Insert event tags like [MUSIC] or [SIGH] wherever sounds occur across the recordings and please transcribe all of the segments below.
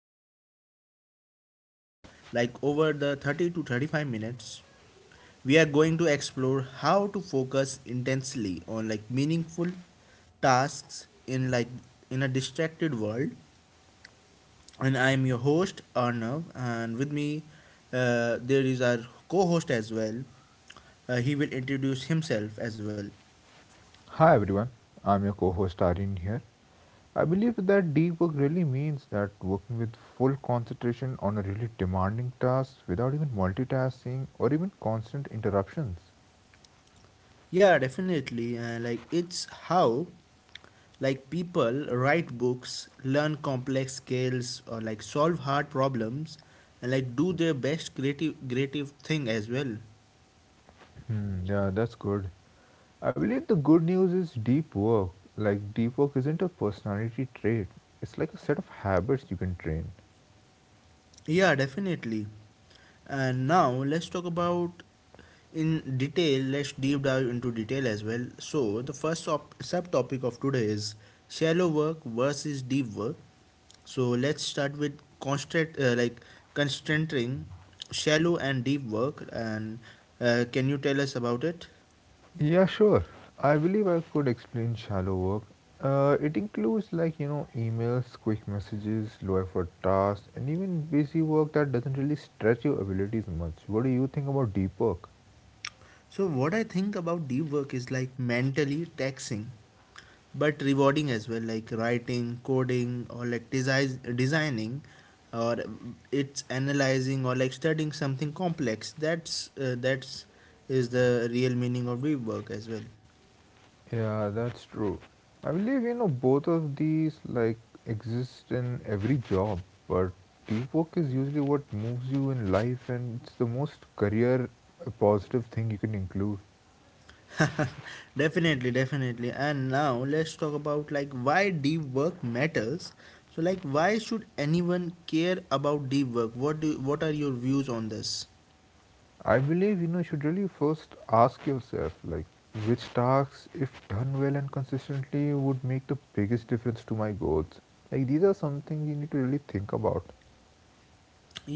work habits. Like over the 30 to 35 minutes, we are going to explore how to focus intensely on like meaningful tasks in a distracted world. And I am your host Arnav, and with me there is our co-host as well. He will introduce himself as well. Hi everyone, I'm your co host Aryan here. I believe that deep work really means that working with full concentration on a really demanding task without even multitasking or even constant interruptions. Yeah, definitely. Like it's how like people write books, learn complex skills, or like solve hard problems, and like do their best creative thing as well. Hmm, yeah, that's good. I believe the good news is deep work. Like, deep work isn't a personality trait, it's like a set of habits you can train. Yeah, definitely. And now let's talk about in detail, let's deep dive into detail as well. So the subtopic of today is shallow work versus deep work. So let's start with constant, like, concentrating shallow and deep work. And can you tell us about it? Yeah, sure. I believe I could explain shallow work. It includes like you know emails, quick messages, low effort tasks, and even busy work that doesn't really stretch your abilities much. What do you think about deep work? So, what I think about deep work is like mentally taxing but rewarding as well, like writing, coding, or like designing, or it's analyzing or like studying something complex. That's is the real meaning of deep work as well. Yeah, that's true. I believe you know both of these like exist in every job, but deep work is usually what moves you in life, and it's the most career positive thing you can include. [LAUGHS] Definitely, definitely. And now let's talk about like why deep work matters. So, like, why should anyone care about deep work? What are your views on this? I believe you know you should really first ask yourself like which tasks if done well and consistently would make the biggest difference to my goals. Like these are something you need to really think about.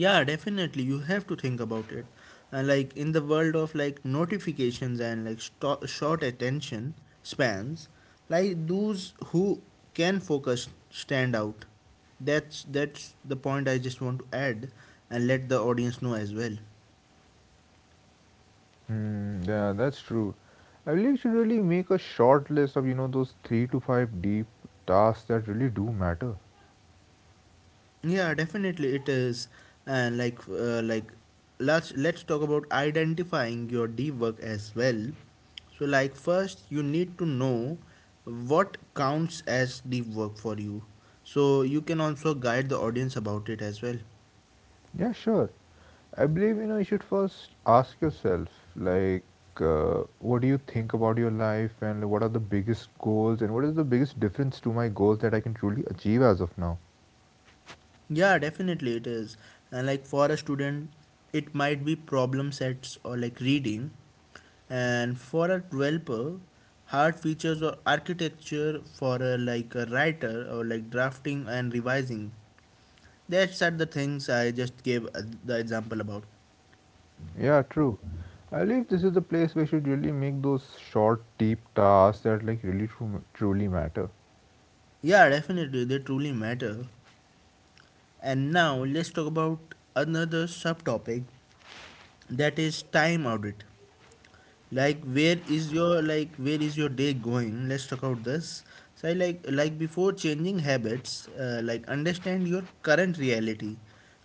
Yeah, definitely, you have to think about it. And like in the world of like notifications and like short attention spans, like those who can focus stand out. That's the point I just want to add and let the audience know as well. Hmm, yeah, that's true. I believe you should really make a short list of you know those 3 to 5 deep tasks that really do matter. Yeah, definitely it is. And like let's talk about identifying your deep work as well. So like first you need to know what counts as deep work for you. So you can also guide the audience about it as well. Yeah, sure. I believe you know you should first ask yourself like what do you think about your life and what are the biggest goals and what is the biggest difference to my goals that I can truly achieve as of now. Yeah, definitely it is. And like for a student, it might be problem sets or like reading. And for a developer, hard features or architecture, for a like a writer, or like drafting and revising. That's are the things I just gave the example about. Yeah, true. I believe this is the place where you should really make those short, deep tasks that like really truly matter. Yeah, definitely they truly matter. And now let's talk about another subtopic, that is time audit. Like where is your day going? Let's talk about this. So I like before changing habits, like, understand your current reality.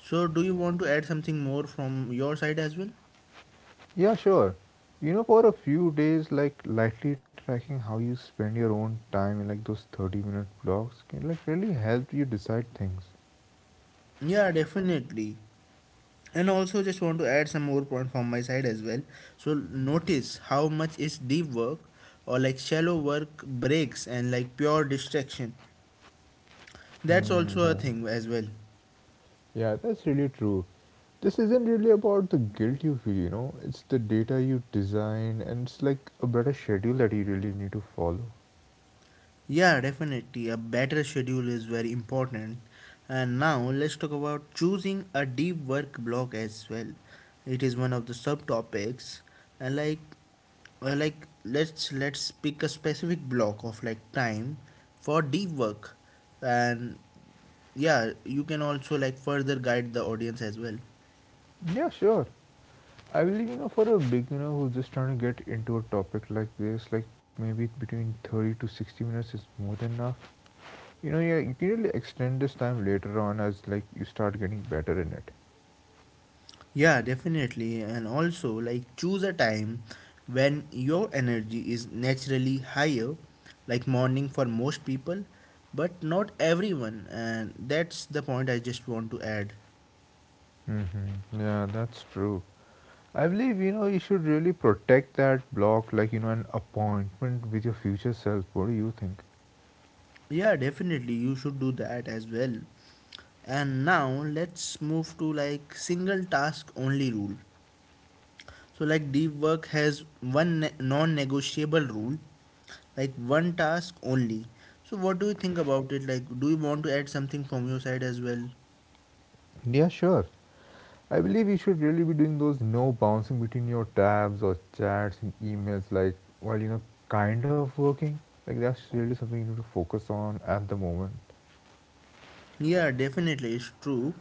So do you want to add something more from your side as well? Yeah, sure. You know, for a few days, like lightly tracking how you spend your own time in like those 30-minute blocks can like really help you decide things. Yeah, definitely. And also just want to add some more point from my side as well. So notice how much is deep work or like shallow work, breaks, and like pure distraction. That's Hmm, also a yeah. thing as well. Yeah, that's really true. This isn't really about the guilt you feel, you know, it's the data you design and it's like a better schedule that you really need to follow. Yeah, definitely. A better schedule is very important. And now let's talk about choosing a deep work block as well. It is one of the subtopics. And like let's pick a specific block of like time for deep work. And yeah, you can also like further guide the audience as well. Yeah, sure. I believe, you know, for a beginner who's just trying to get into a topic like this, like maybe between 30 to 60 minutes is more than enough. You know, yeah, you can really extend this time later on as like you start getting better in it. Yeah, definitely. And also, like, choose a time when your energy is naturally higher, like morning for most people, but not everyone. And that's the point I just want to add. Mm-hmm. Yeah, that's true. I believe you know you should really protect that block, like you know, an appointment with your future self. What do you think? Yeah, definitely. You should do that as well. And now, let's move to like single task only rule. So, like deep work has one non negotiable rule, like one task only. So, what do you think about it? Like, do you want to add something from your side as well? Yeah, sure. I believe you should really be doing those no bouncing between your tabs or chats and emails, like while you know, kind of working. Like that's really something you need to focus on at the moment. Yeah, definitely, it's true.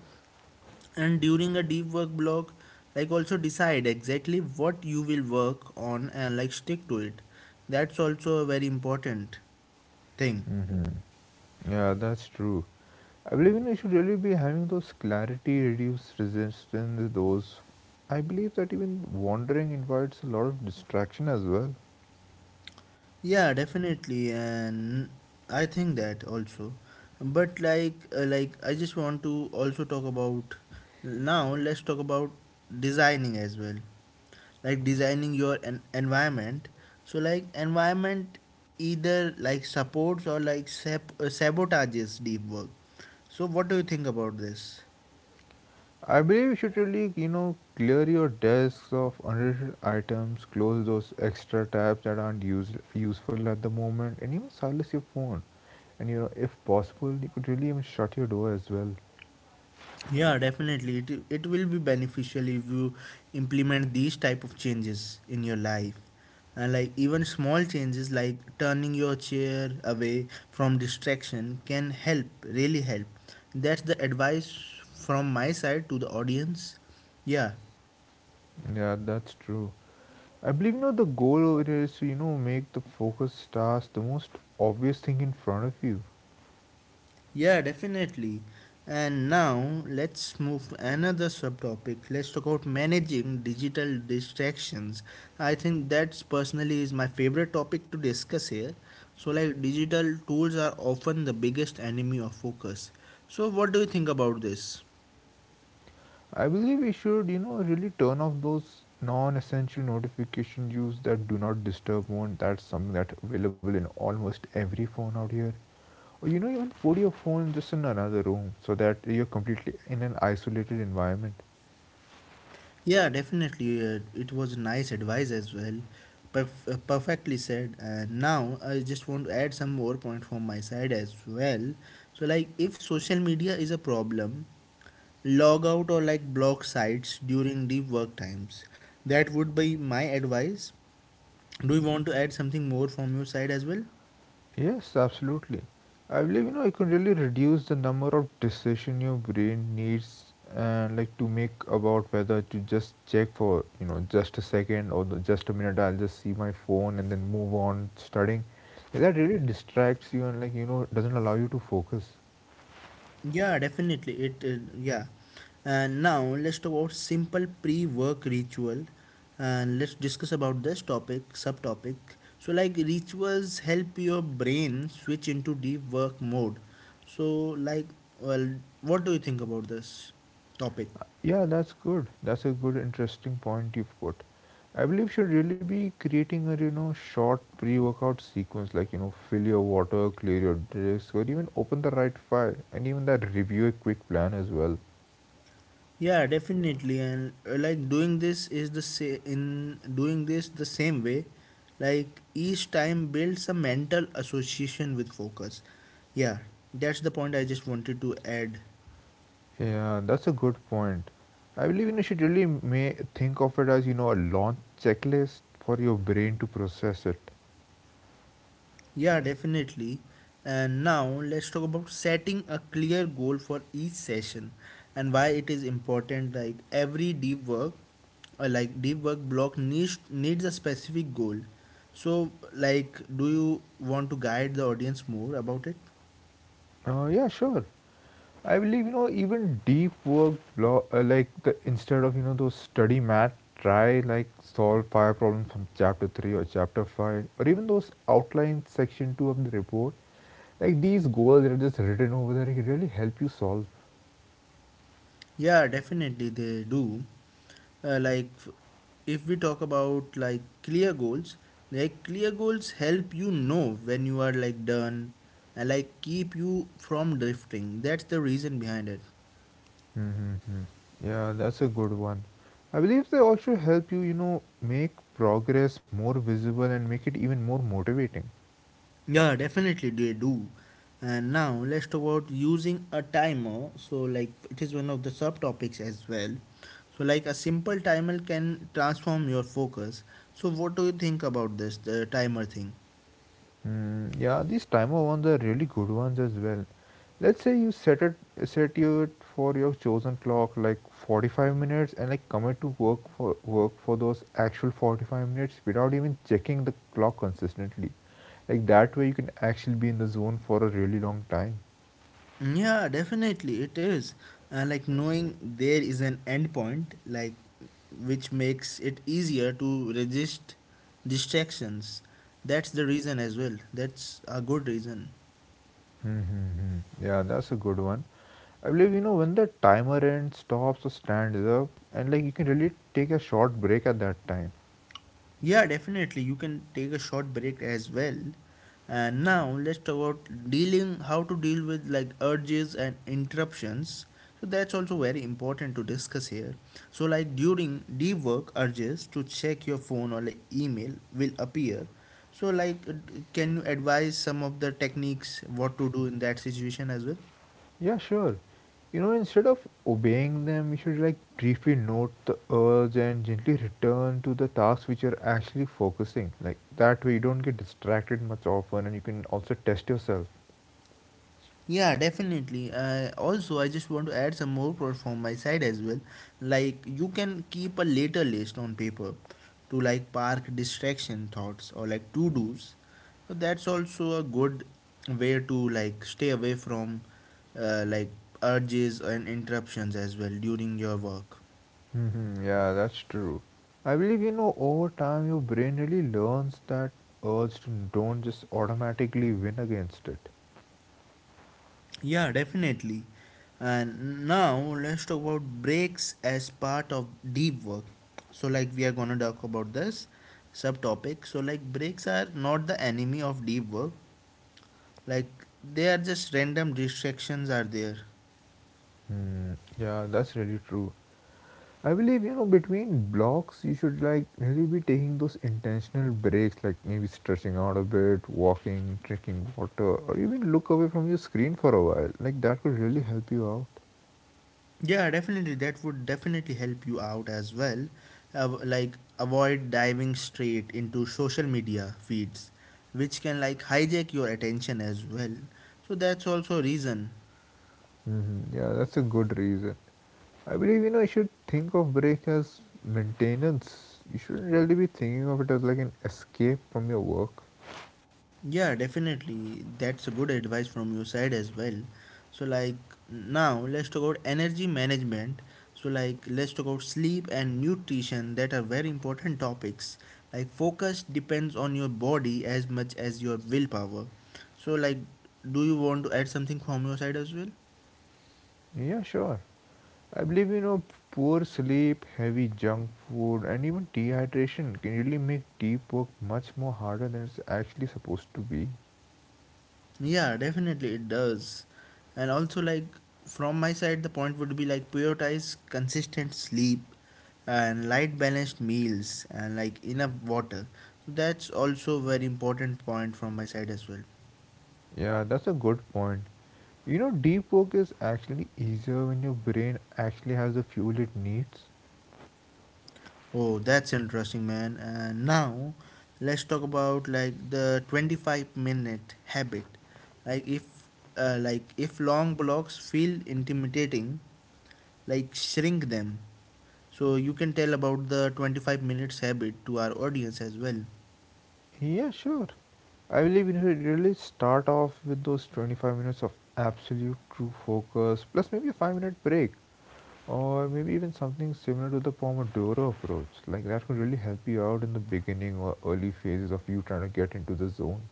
And during a deep work block, like, also decide exactly what you will work on and like stick to it. That's also a very important thing. Yeah, that's true. I believe you know, you should really be having those clarity, reduce resistance, those. I believe that even wandering invites a lot of distraction as well. Yeah, definitely. And I think that also. But like I just want to also talk about now. Let's talk about designing as well, like designing your environment. So like environment either like supports or like sabotages deep work. So what do you think about this? I believe you should really, you know, clear your desks of unneeded items, close those extra tabs that aren't useful at the moment, and even silence your phone. And you know, if possible, you could really even shut your door as well. Yeah, definitely it will be beneficial if you implement these type of changes in your life. And like even small changes like turning your chair away from distraction can help really help. That's the advice from my side to the audience. Yeah. Yeah, that's true. I believe you know the goal over here is to you know make the focus task the most obvious thing in front of you. Yeah, definitely. And now let's move to another subtopic. Let's talk about managing digital distractions. I think that's personally is my favorite topic to discuss here. So like digital tools are often the biggest enemy of focus. So what do you think about this? I believe we should you know really turn off those non-essential notification use that do not disturb mode. That's something that's available in almost every phone out here. Or you know even put your phone just in another room so that you're completely in an isolated environment. Yeah, definitely. It was nice advice as well. Perfectly said. And now I just want to add some more point from my side as well. So, like, if social media is a problem, log out or like block sites during deep work times. That would be my advice. Do you want to add something more from your side as well? Yes, absolutely. I believe you know I can really reduce the number of decision your brain needs and like to make about whether to just check for you know just a second or the, just a minute. I'll just see my phone and then move on studying. That really distracts you and like you know doesn't allow you to focus. Yeah, definitely. It Yeah. And now let's talk about simple pre-work ritual. And let's discuss about this topic subtopic. So like rituals help your brain switch into deep work mode. So like, well, what do you think about this topic? Yeah, that's good. That's a good, interesting point you've put. I believe should really be creating a you know short pre-workout sequence, like you know fill your water, clear your desk, or even open the right file, and even that review a quick plan as well. Yeah, definitely. And like doing this is the sa- in doing this the same way like each time builds a mental association with focus. Yeah, that's the point I just wanted to add. Yeah, that's a good point. I believe you know, should really may think of it as you know a launch checklist for your brain to process it. Yeah, definitely. And now let's talk about setting a clear goal for each session, and why it is important. Like every deep work, like deep work block needs a specific goal. So, like, do you want to guide the audience more about it? Yeah, sure. I believe you know even deep work like the, instead of you know those study math, try like solve five problems from chapter three or chapter five, or even those outline section two of the report. Like these goals that are just written over there, it can really help you solve. Yeah, definitely they do. Uh, like f- if we talk about like clear goals help you know when you are like done and like keep you from drifting. That's the reason behind it. Yeah, that's a good one. I believe they also help you you know make progress more visible and make it even more motivating. Yeah, definitely they do. And now let's talk about using a timer. So like it is one of the subtopics as well. So like a simple timer can transform your focus. So what do you think about this the timer thing? Mm, yeah, these timer ones are really good ones as well. Let's say you set it set you it for your chosen clock like 45 minutes and like commit to work for those actual 45 minutes without even checking the clock consistently. Like that way you can actually be in the zone for a really long time. Yeah, definitely it is. Like knowing there is an endpoint, like, which makes it easier to resist distractions. That's the reason as well. That's a good reason. Hmm, yeah, that's a good one. I believe you know when the timer ends, stops or stands up, and like you can really take a short break at that time. Yeah, definitely. You can take a short break as well. And now let's talk about dealing how to deal with like urges and interruptions. So that's also very important to discuss here. So like during deep work, urges to check your phone or like email will appear. So like can you advise some of the techniques what to do in that situation as well? Yeah, sure. You know, instead of obeying them, we should like briefly note the urge and gently return to the tasks which you're actually focusing. Like that way, you don't get distracted much often, and you can also test yourself. Yeah, definitely. Also, I just want to add some more pro from my side as well. Like, you can keep a later list on paper to like park distraction thoughts or like to dos. So, that's also a good way to like stay away from like urges and interruptions as well during your work. Hmm, yeah, that's true. I believe you know over time your brain really learns that urge to don't just automatically win against it. Yeah, definitely. And now let's talk about breaks as part of deep work. So, like, we are gonna talk about this subtopic. So, like, breaks are not the enemy of deep work, like, they are just random distractions are there. Hmm, yeah, that's really true. I believe you know between blocks you should like really be taking those intentional breaks like maybe stretching out a bit, walking, drinking water, or even look away from your screen for a while. Like that could really help you out. Yeah, definitely. That would definitely help you out as well. Like, avoid diving straight into social media feeds, which can like hijack your attention as well. So, that's also a reason. Hmm, yeah, that's a good reason. I believe you know you should think of break as maintenance. You shouldn't really be thinking of it as like an escape from your work. Yeah, definitely. That's a good advice from your side as well. So, like, now let's talk about energy management. So, like, let's talk about sleep and nutrition that are very important topics. Like, focus depends on your body as much as your willpower. So, like, do you want to add something from your side as well? Yeah, sure. I believe you know poor sleep, heavy junk food, and even dehydration can really make deep work much more harder than it's actually supposed to be. Yeah, definitely it does. And also, like, from my side, the point would be like prioritize consistent sleep and light balanced meals and like enough water. So that's also very important point from my side as well. Yeah, that's a good point. You know, deep work is actually easier when your brain actually has the fuel it needs. Oh, that's interesting, man. And now let's talk about like the 25-minute habit. Like if like if long blocks feel intimidating, like shrink them, so you can tell about the 25 minutes habit to our audience as well. Yeah, sure. I believe you should really start off with those 25 minutes of absolute true focus, plus maybe a 5-minute break, or maybe even something similar to the Pomodoro approach. Like that could really help you out in the beginning or early phases of you trying to get into the zone.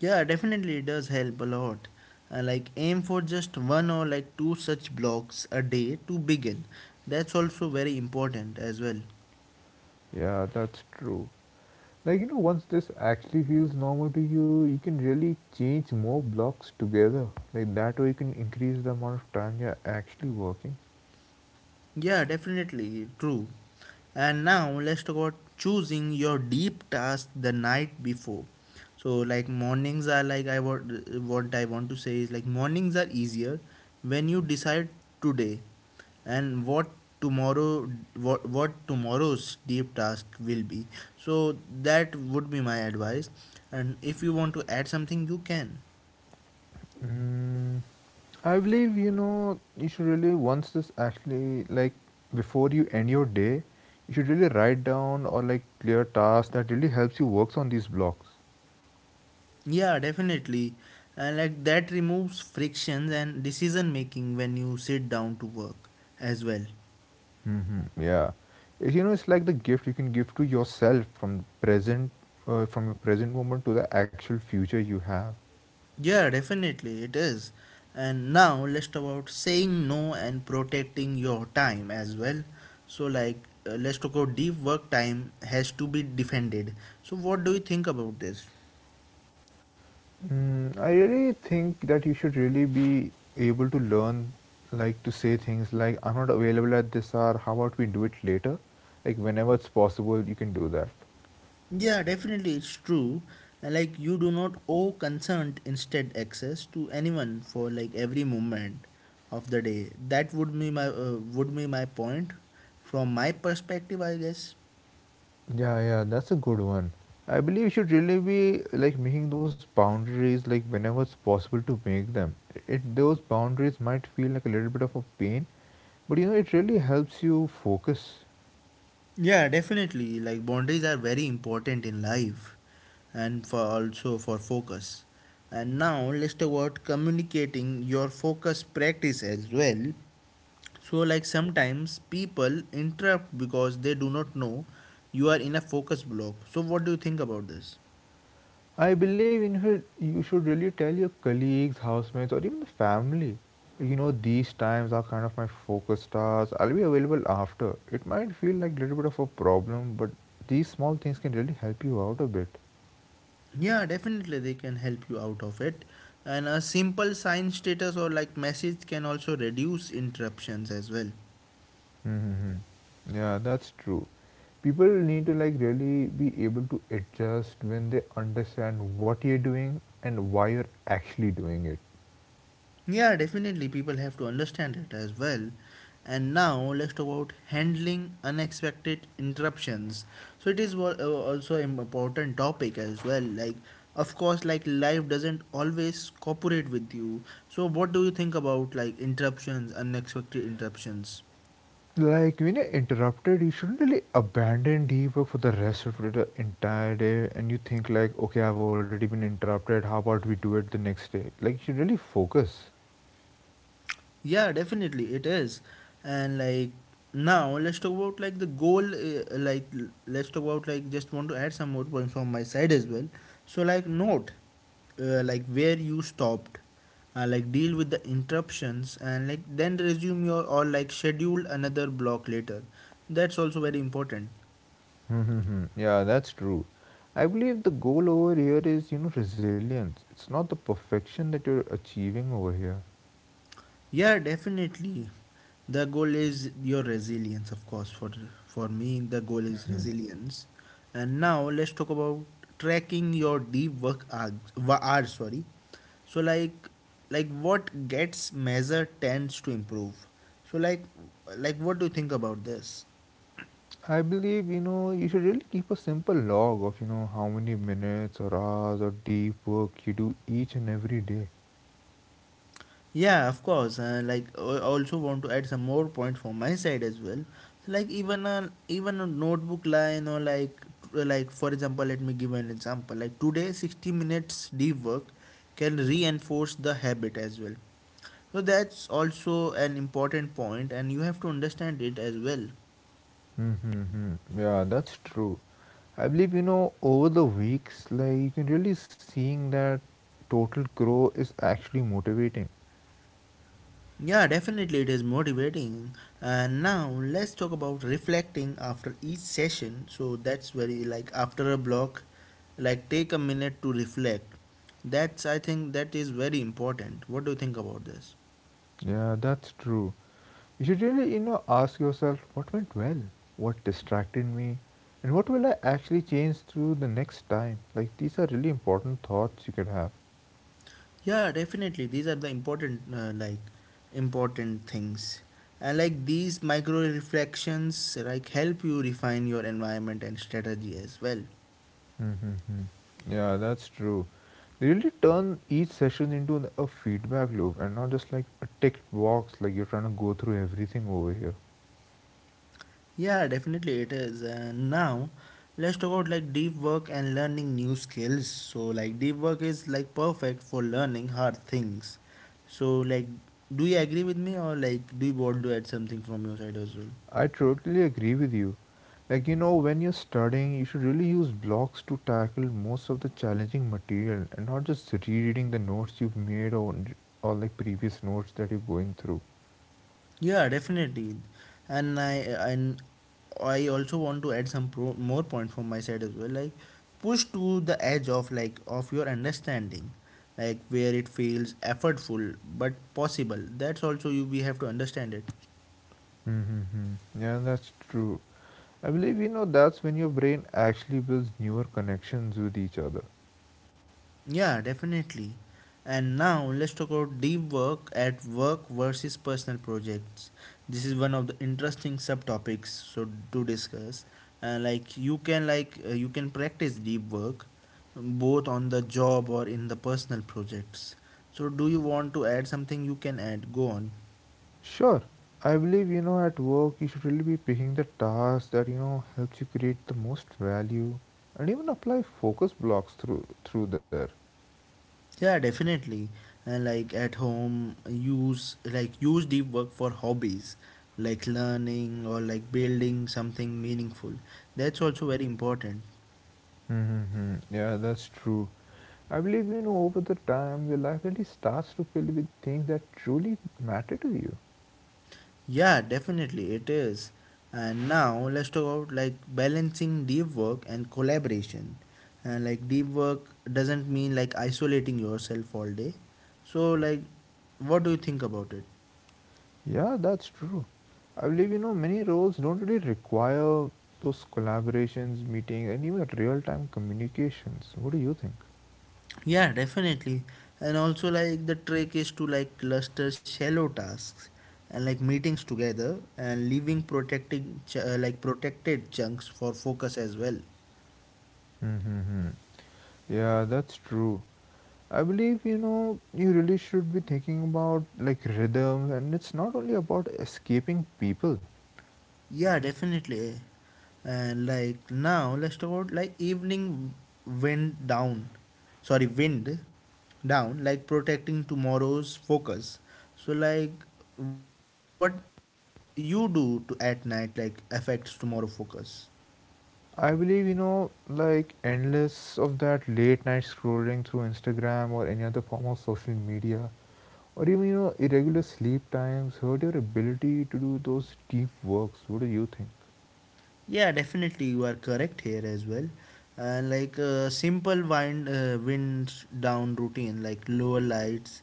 Yeah, definitely it does help a lot. Like aim for just one or like two such blocks a day to begin. That's also very important as well. Yeah, that's true. Like, you know, once this actually feels normal to you, you can really change more blocks together. Like, that way, you can increase the amount of time you're actually working. Yeah, definitely true. And now let's talk about choosing your deep task the night before. So like mornings are like, I want what I want to say is like mornings are easier when you decide today and what tomorrow, what tomorrow's deep task will be. So that would be my advice. And if you want to add something you can. Mm, I believe you know you should really once this actually like before you end your day, you should really write down or like clear tasks that really helps you works on these blocks. Yeah, definitely. And like that removes frictions and decision making when you sit down to work as well. Hmm, yeah, you know it's like the gift you can give to yourself from present from your present moment to the actual future you have. Yeah, definitely it is. And now let's talk about saying no and protecting your time as well. So like let's talk about deep work time has to be defended. So what do you think about this? Mm, I really think that you should really be able to learn, like to say things like, I'm not available at this hour, how about we do it later? Like, whenever it's possible, you can do that. Yeah, definitely, it's true. Like you do not owe consent, instead access to anyone for like every moment of the day. That would be my point from my perspective, I guess. Yeah, yeah, that's a good one. I believe you should really be like making those boundaries, like, whenever it's possible to make them. It, those boundaries might feel like a little bit of a pain, but you know, it really helps you focus. Yeah, definitely. Like boundaries are very important in life, and for also for focus. And now let's talk about communicating your focus practice as well. So, like sometimes people interrupt because they do not know you are in a focus block. So, what do you think about this? I believe in her, you should really tell your colleagues, housemates, or even the family. You know, these times are kind of my focus hours. I'll be available after. It might feel like a little bit of a problem, but these small things can really help you out a bit. Yeah, definitely they can help you out of it. And a simple sign status or like message can also reduce interruptions as well. Mm-hmm. Yeah, that's true. People need to like really be able to adjust when they understand what you're doing and why you're actually doing it. Yeah, definitely people have to understand it as well. And now let's talk about handling unexpected interruptions. So it is also an important topic as well. Like, of course, like life doesn't always cooperate with you. So what do you think about like interruptions, unexpected interruptions? Like when you're interrupted, you shouldn't really abandon deep work for the rest of the entire day. And you think like, okay, I've already been interrupted. How about we do it the next day? Like you should really focus. Yeah, definitely it is. And like now, let's talk about like the goal. Let's talk about like just want to add some more points from my side as well. So like note, like where you stopped, like deal with the interruptions and like then resume your or like schedule another block later. That's also very important. Mm-hmm. Yeah, that's true. I believe the goal over here is, you know, resilience. It's not the perfection that you're achieving over here. Yeah, definitely. The goal is your resilience, of course. For me, the goal is Mhm. resilience. And now let's talk about tracking your deep work hours. Hours, sorry. So like what gets measured tends to improve. So like what do you think about this? I believe, you know, you should really keep a simple log of, you know, how many minutes or hours or deep work you do each and every day. Yeah, of course. Like, I also want to add some more point from my side as well. So, like, even a notebook line or like like for example, let me give an example. Like today, 60 minutes deep work can reinforce the habit as well. So that's also an important point, and you have to understand it as well. Mm, yeah, that's true. I believe, you know, over the weeks, like you can really seeing that total grow is actually motivating. Yeah, definitely it is motivating. And now let's talk about reflecting after each session. So that's very like after a block, like take a minute to reflect. That's I think that is very important. What do you think about this? Yeah, that's true. You should really ask yourself what went well, what distracted me, and what will I actually change through the next time. Like these are really important thoughts you could have. Yeah, definitely these are the important important things. And like these micro reflections like help you refine your environment and strategy as well. Mm-hmm. Yeah, that's true. They really turn each session into a feedback loop and not just like a ticked box like you're trying to go through everything over here. Yeah, definitely it is. And now let's talk about like deep work and learning new skills. So like deep work is like perfect for learning hard things. So like do you agree with me or like do you want to add something from your side as well? I totally agree with you. Like when you're studying, you should really use blocks to tackle most of the challenging material and not just reading the notes you've made or like previous notes that you're going through. Yeah, definitely. And I and I also want to add some more point from my side as well. Like push to the edge of of your understanding, like where it feels effortful but possible. That's also you we have to understand it. Mm-hmm. Yeah, that's true. I believe that's when your brain actually builds newer connections with each other. Yeah, definitely. And now let's talk about deep work at work versus personal projects. This is one of the interesting subtopics so to discuss. You can practice deep work both on the job or in the personal projects. So do you want to add something? You can add. Go on. Sure, I believe at work, you should really be picking the task that helps you create the most value and even apply focus blocks through there. Yeah, definitely. And like at home, use deep work for hobbies, like learning or like building something meaningful. That's also very important. Mm-hmm. Yeah, that's true. I believe over the time, your life really starts to fill with things that truly matter to you. Yeah, definitely it is. And now let's talk about like balancing deep work and collaboration. And like deep work doesn't mean like isolating yourself all day. So like what do you think about it? Yeah, that's true. I believe many roles don't really require those collaborations, meetings, and even real time communications. What do you think? Yeah, definitely. And also, like, the trick is to like cluster shallow tasks and like meetings together and leaving like protected chunks for focus as well. Mm-hmm. Yeah, that's true. I believe you really should be thinking about like rhythms, and it's not only about escaping people. Yeah, definitely. And like now, let's talk about like evening wind down. Sorry, wind down, like protecting tomorrow's focus. So, like, what you do to at night like affects tomorrow focus. I believe like endless of that late night scrolling through Instagram or any other form of social media, or even irregular sleep times hurt your ability to do those deep works. What do you think? Yeah, definitely, you are correct here as well. And like a simple wind down routine, like lower lights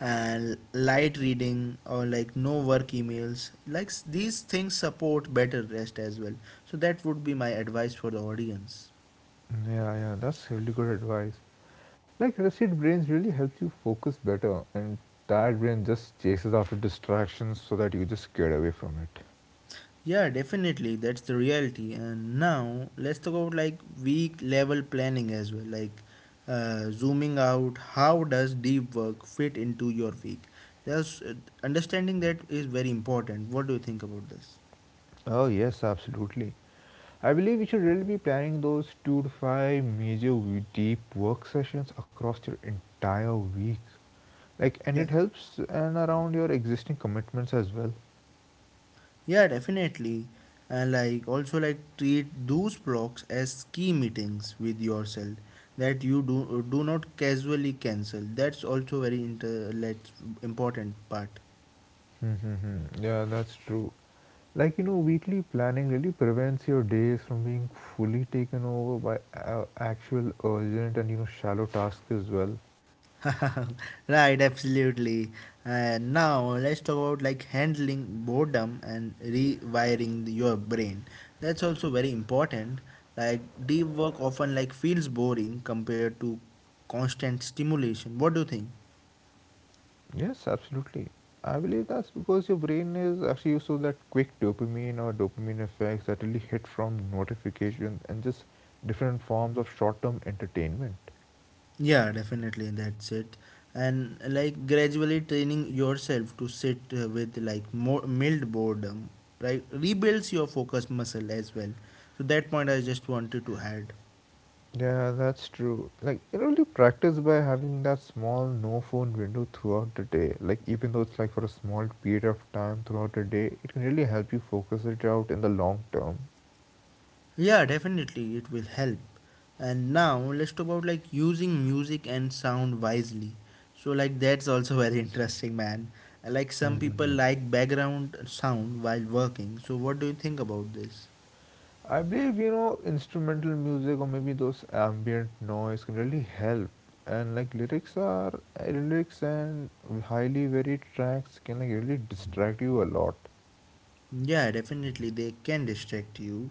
and light reading or like no work emails these things support better rest as well, so that would be my advice for the audience. Yeah, yeah, that's really good advice. Like rested brains really helps you focus better, and tired brain just chases after distractions so that you just get away from it. Yeah, definitely. That's the reality. And now let's talk about like weak level planning as well. Like zooming out, how does deep work fit into your week? There's Understanding that is very important. What do you think about this? Oh yes, absolutely. I believe you should really be planning those two to five major deep work sessions across your entire week. Like, and Yeah. it helps and around your existing commitments as well. Yeah, definitely. And like also like treat those blocks as key meetings with yourself that you do not casually cancel. That's also very inter like important part. Hmm. Yeah, that's true. Like weekly planning really prevents your days from being fully taken over by actual urgent and shallow tasks as well. [LAUGHS] Right, absolutely. And now let's talk about like handling boredom and rewiring your brain. That's also very important. Like deep work often like feels boring compared to constant stimulation. What do you think? Yes, absolutely. I believe that's because your brain is actually used to that quick dopamine or dopamine effects that really hit from notifications and just different forms of short term entertainment. Yeah, definitely that's it. And like gradually training yourself to sit with like more mild boredom, right, rebuilds your focus muscle as well. So that point I just wanted to add. Yeah, that's true. Like you practice by having that small no phone window throughout the day. Like, even though it's like for a small period of time throughout the day, it can really help you focus it out in the long term. Yeah, definitely it will help. And now let's talk about like using music and sound wisely. So like that's also [LAUGHS] very interesting, man. Like some people Mm-hmm. like background sound while working. So what do you think about this? I believe instrumental music or maybe those ambient noise can really help. And like lyrics and highly varied tracks can like really distract you a lot. Yeah, definitely they can distract you.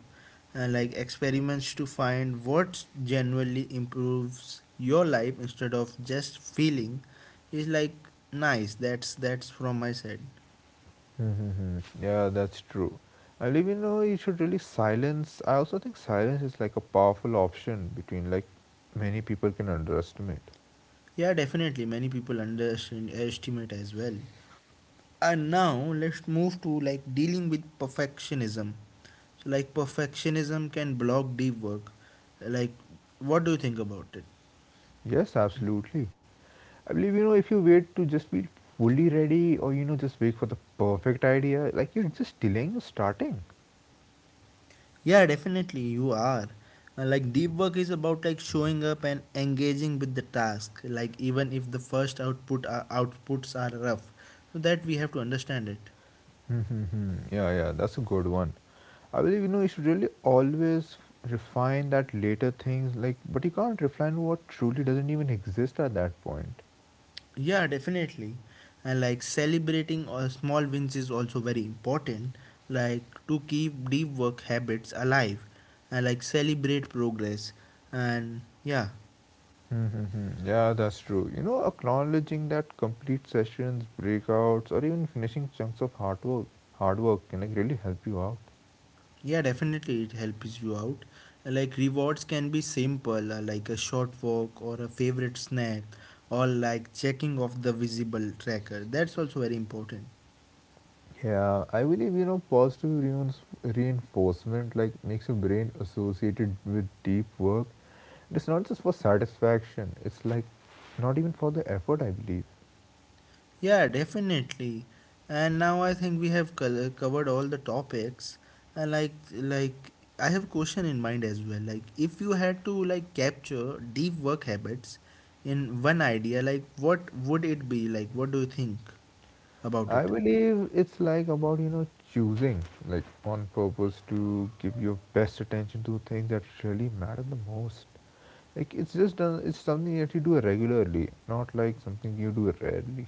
And like experiments to find what genuinely improves your life instead of just feeling is like nice. That's from my side. Mm-hmm. Yeah, that's true. I believe you should really silence. I also think silence is like a powerful option between like many people can underestimate. Yeah, definitely. Many people underestimate as well. And now let's move to like dealing with perfectionism. So, like, perfectionism can block deep work. Like, what do you think about it? Yes, absolutely. I believe if you wait to just be fully ready or just wait for the perfect idea, like you're just delaying your starting. Yeah, definitely, you are. Like, deep work is about like showing up and engaging with the task. Like, even if the first outputs are rough, so that we have to understand it. Hmm. Yeah, yeah, that's a good one. I believe you should really always refine that later things, like, but you can't refine what truly doesn't even exist at that point. Yeah, definitely. And like celebrating small wins is also very important, like to keep deep work habits alive and like celebrate progress. And yeah, Mm-hmm. Yeah, that's true. Acknowledging that complete sessions, breakouts, or even finishing chunks of hard work can like really help you out. yeah, definitely it helps you out. And, like rewards can be simple, like a short walk or a favorite snack or like checking off the visible tracker. That's also very important. Yeah, I believe positive reinforcement like makes your brain associated with deep work. It's not just for satisfaction. It's like not even for the effort. I believe. Yeah, definitely. And now I think we have covered all the topics. And like I have question in mind as well. Like if you had to like capture deep work habits in one idea, like what would it be? Like what do you think about I it? believe it's like about choosing like on purpose to give your best attention to things that really matter the most. Like it's just done. It's something that you do regularly, not like something you do rarely.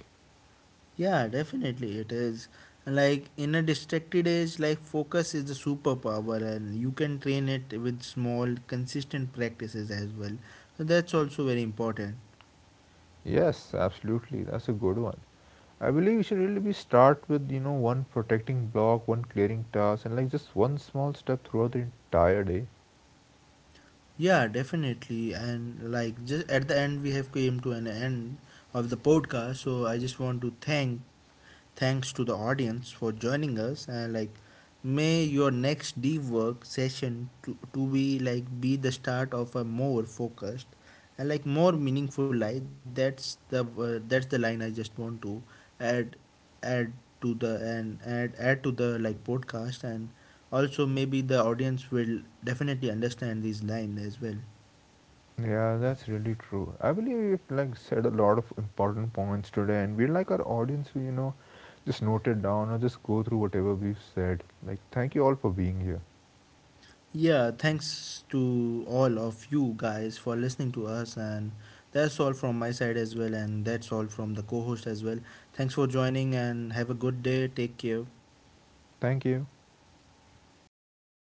Yeah, definitely it is. Like in a distracted age, like focus is the superpower, and you can train it with small, consistent practices as well. So that's also very important. Yes, absolutely. That's a good one. I believe we should really be start with one protecting block, one clearing task, and like just one small step throughout the entire day. Yeah, definitely. And like just at the end, we have came to an end of the podcast. So I just want to thank. Thanks to the audience for joining us and like may your next deep work session to be like be the start of a more focused and like more meaningful life. That's the line I just want to add add to the and add to the like podcast, and also maybe the audience will definitely understand this line as well. Yeah, that's really true. I believe we've like said a lot of important points today, and we'd like our audience to just note it down or just go through whatever we've said. Like, thank you all for being here. Yeah, thanks to all of you guys for listening to us. And that's all from my side as well. And that's all from the co host as well. Thanks for joining and have a good day. Take care. Thank you.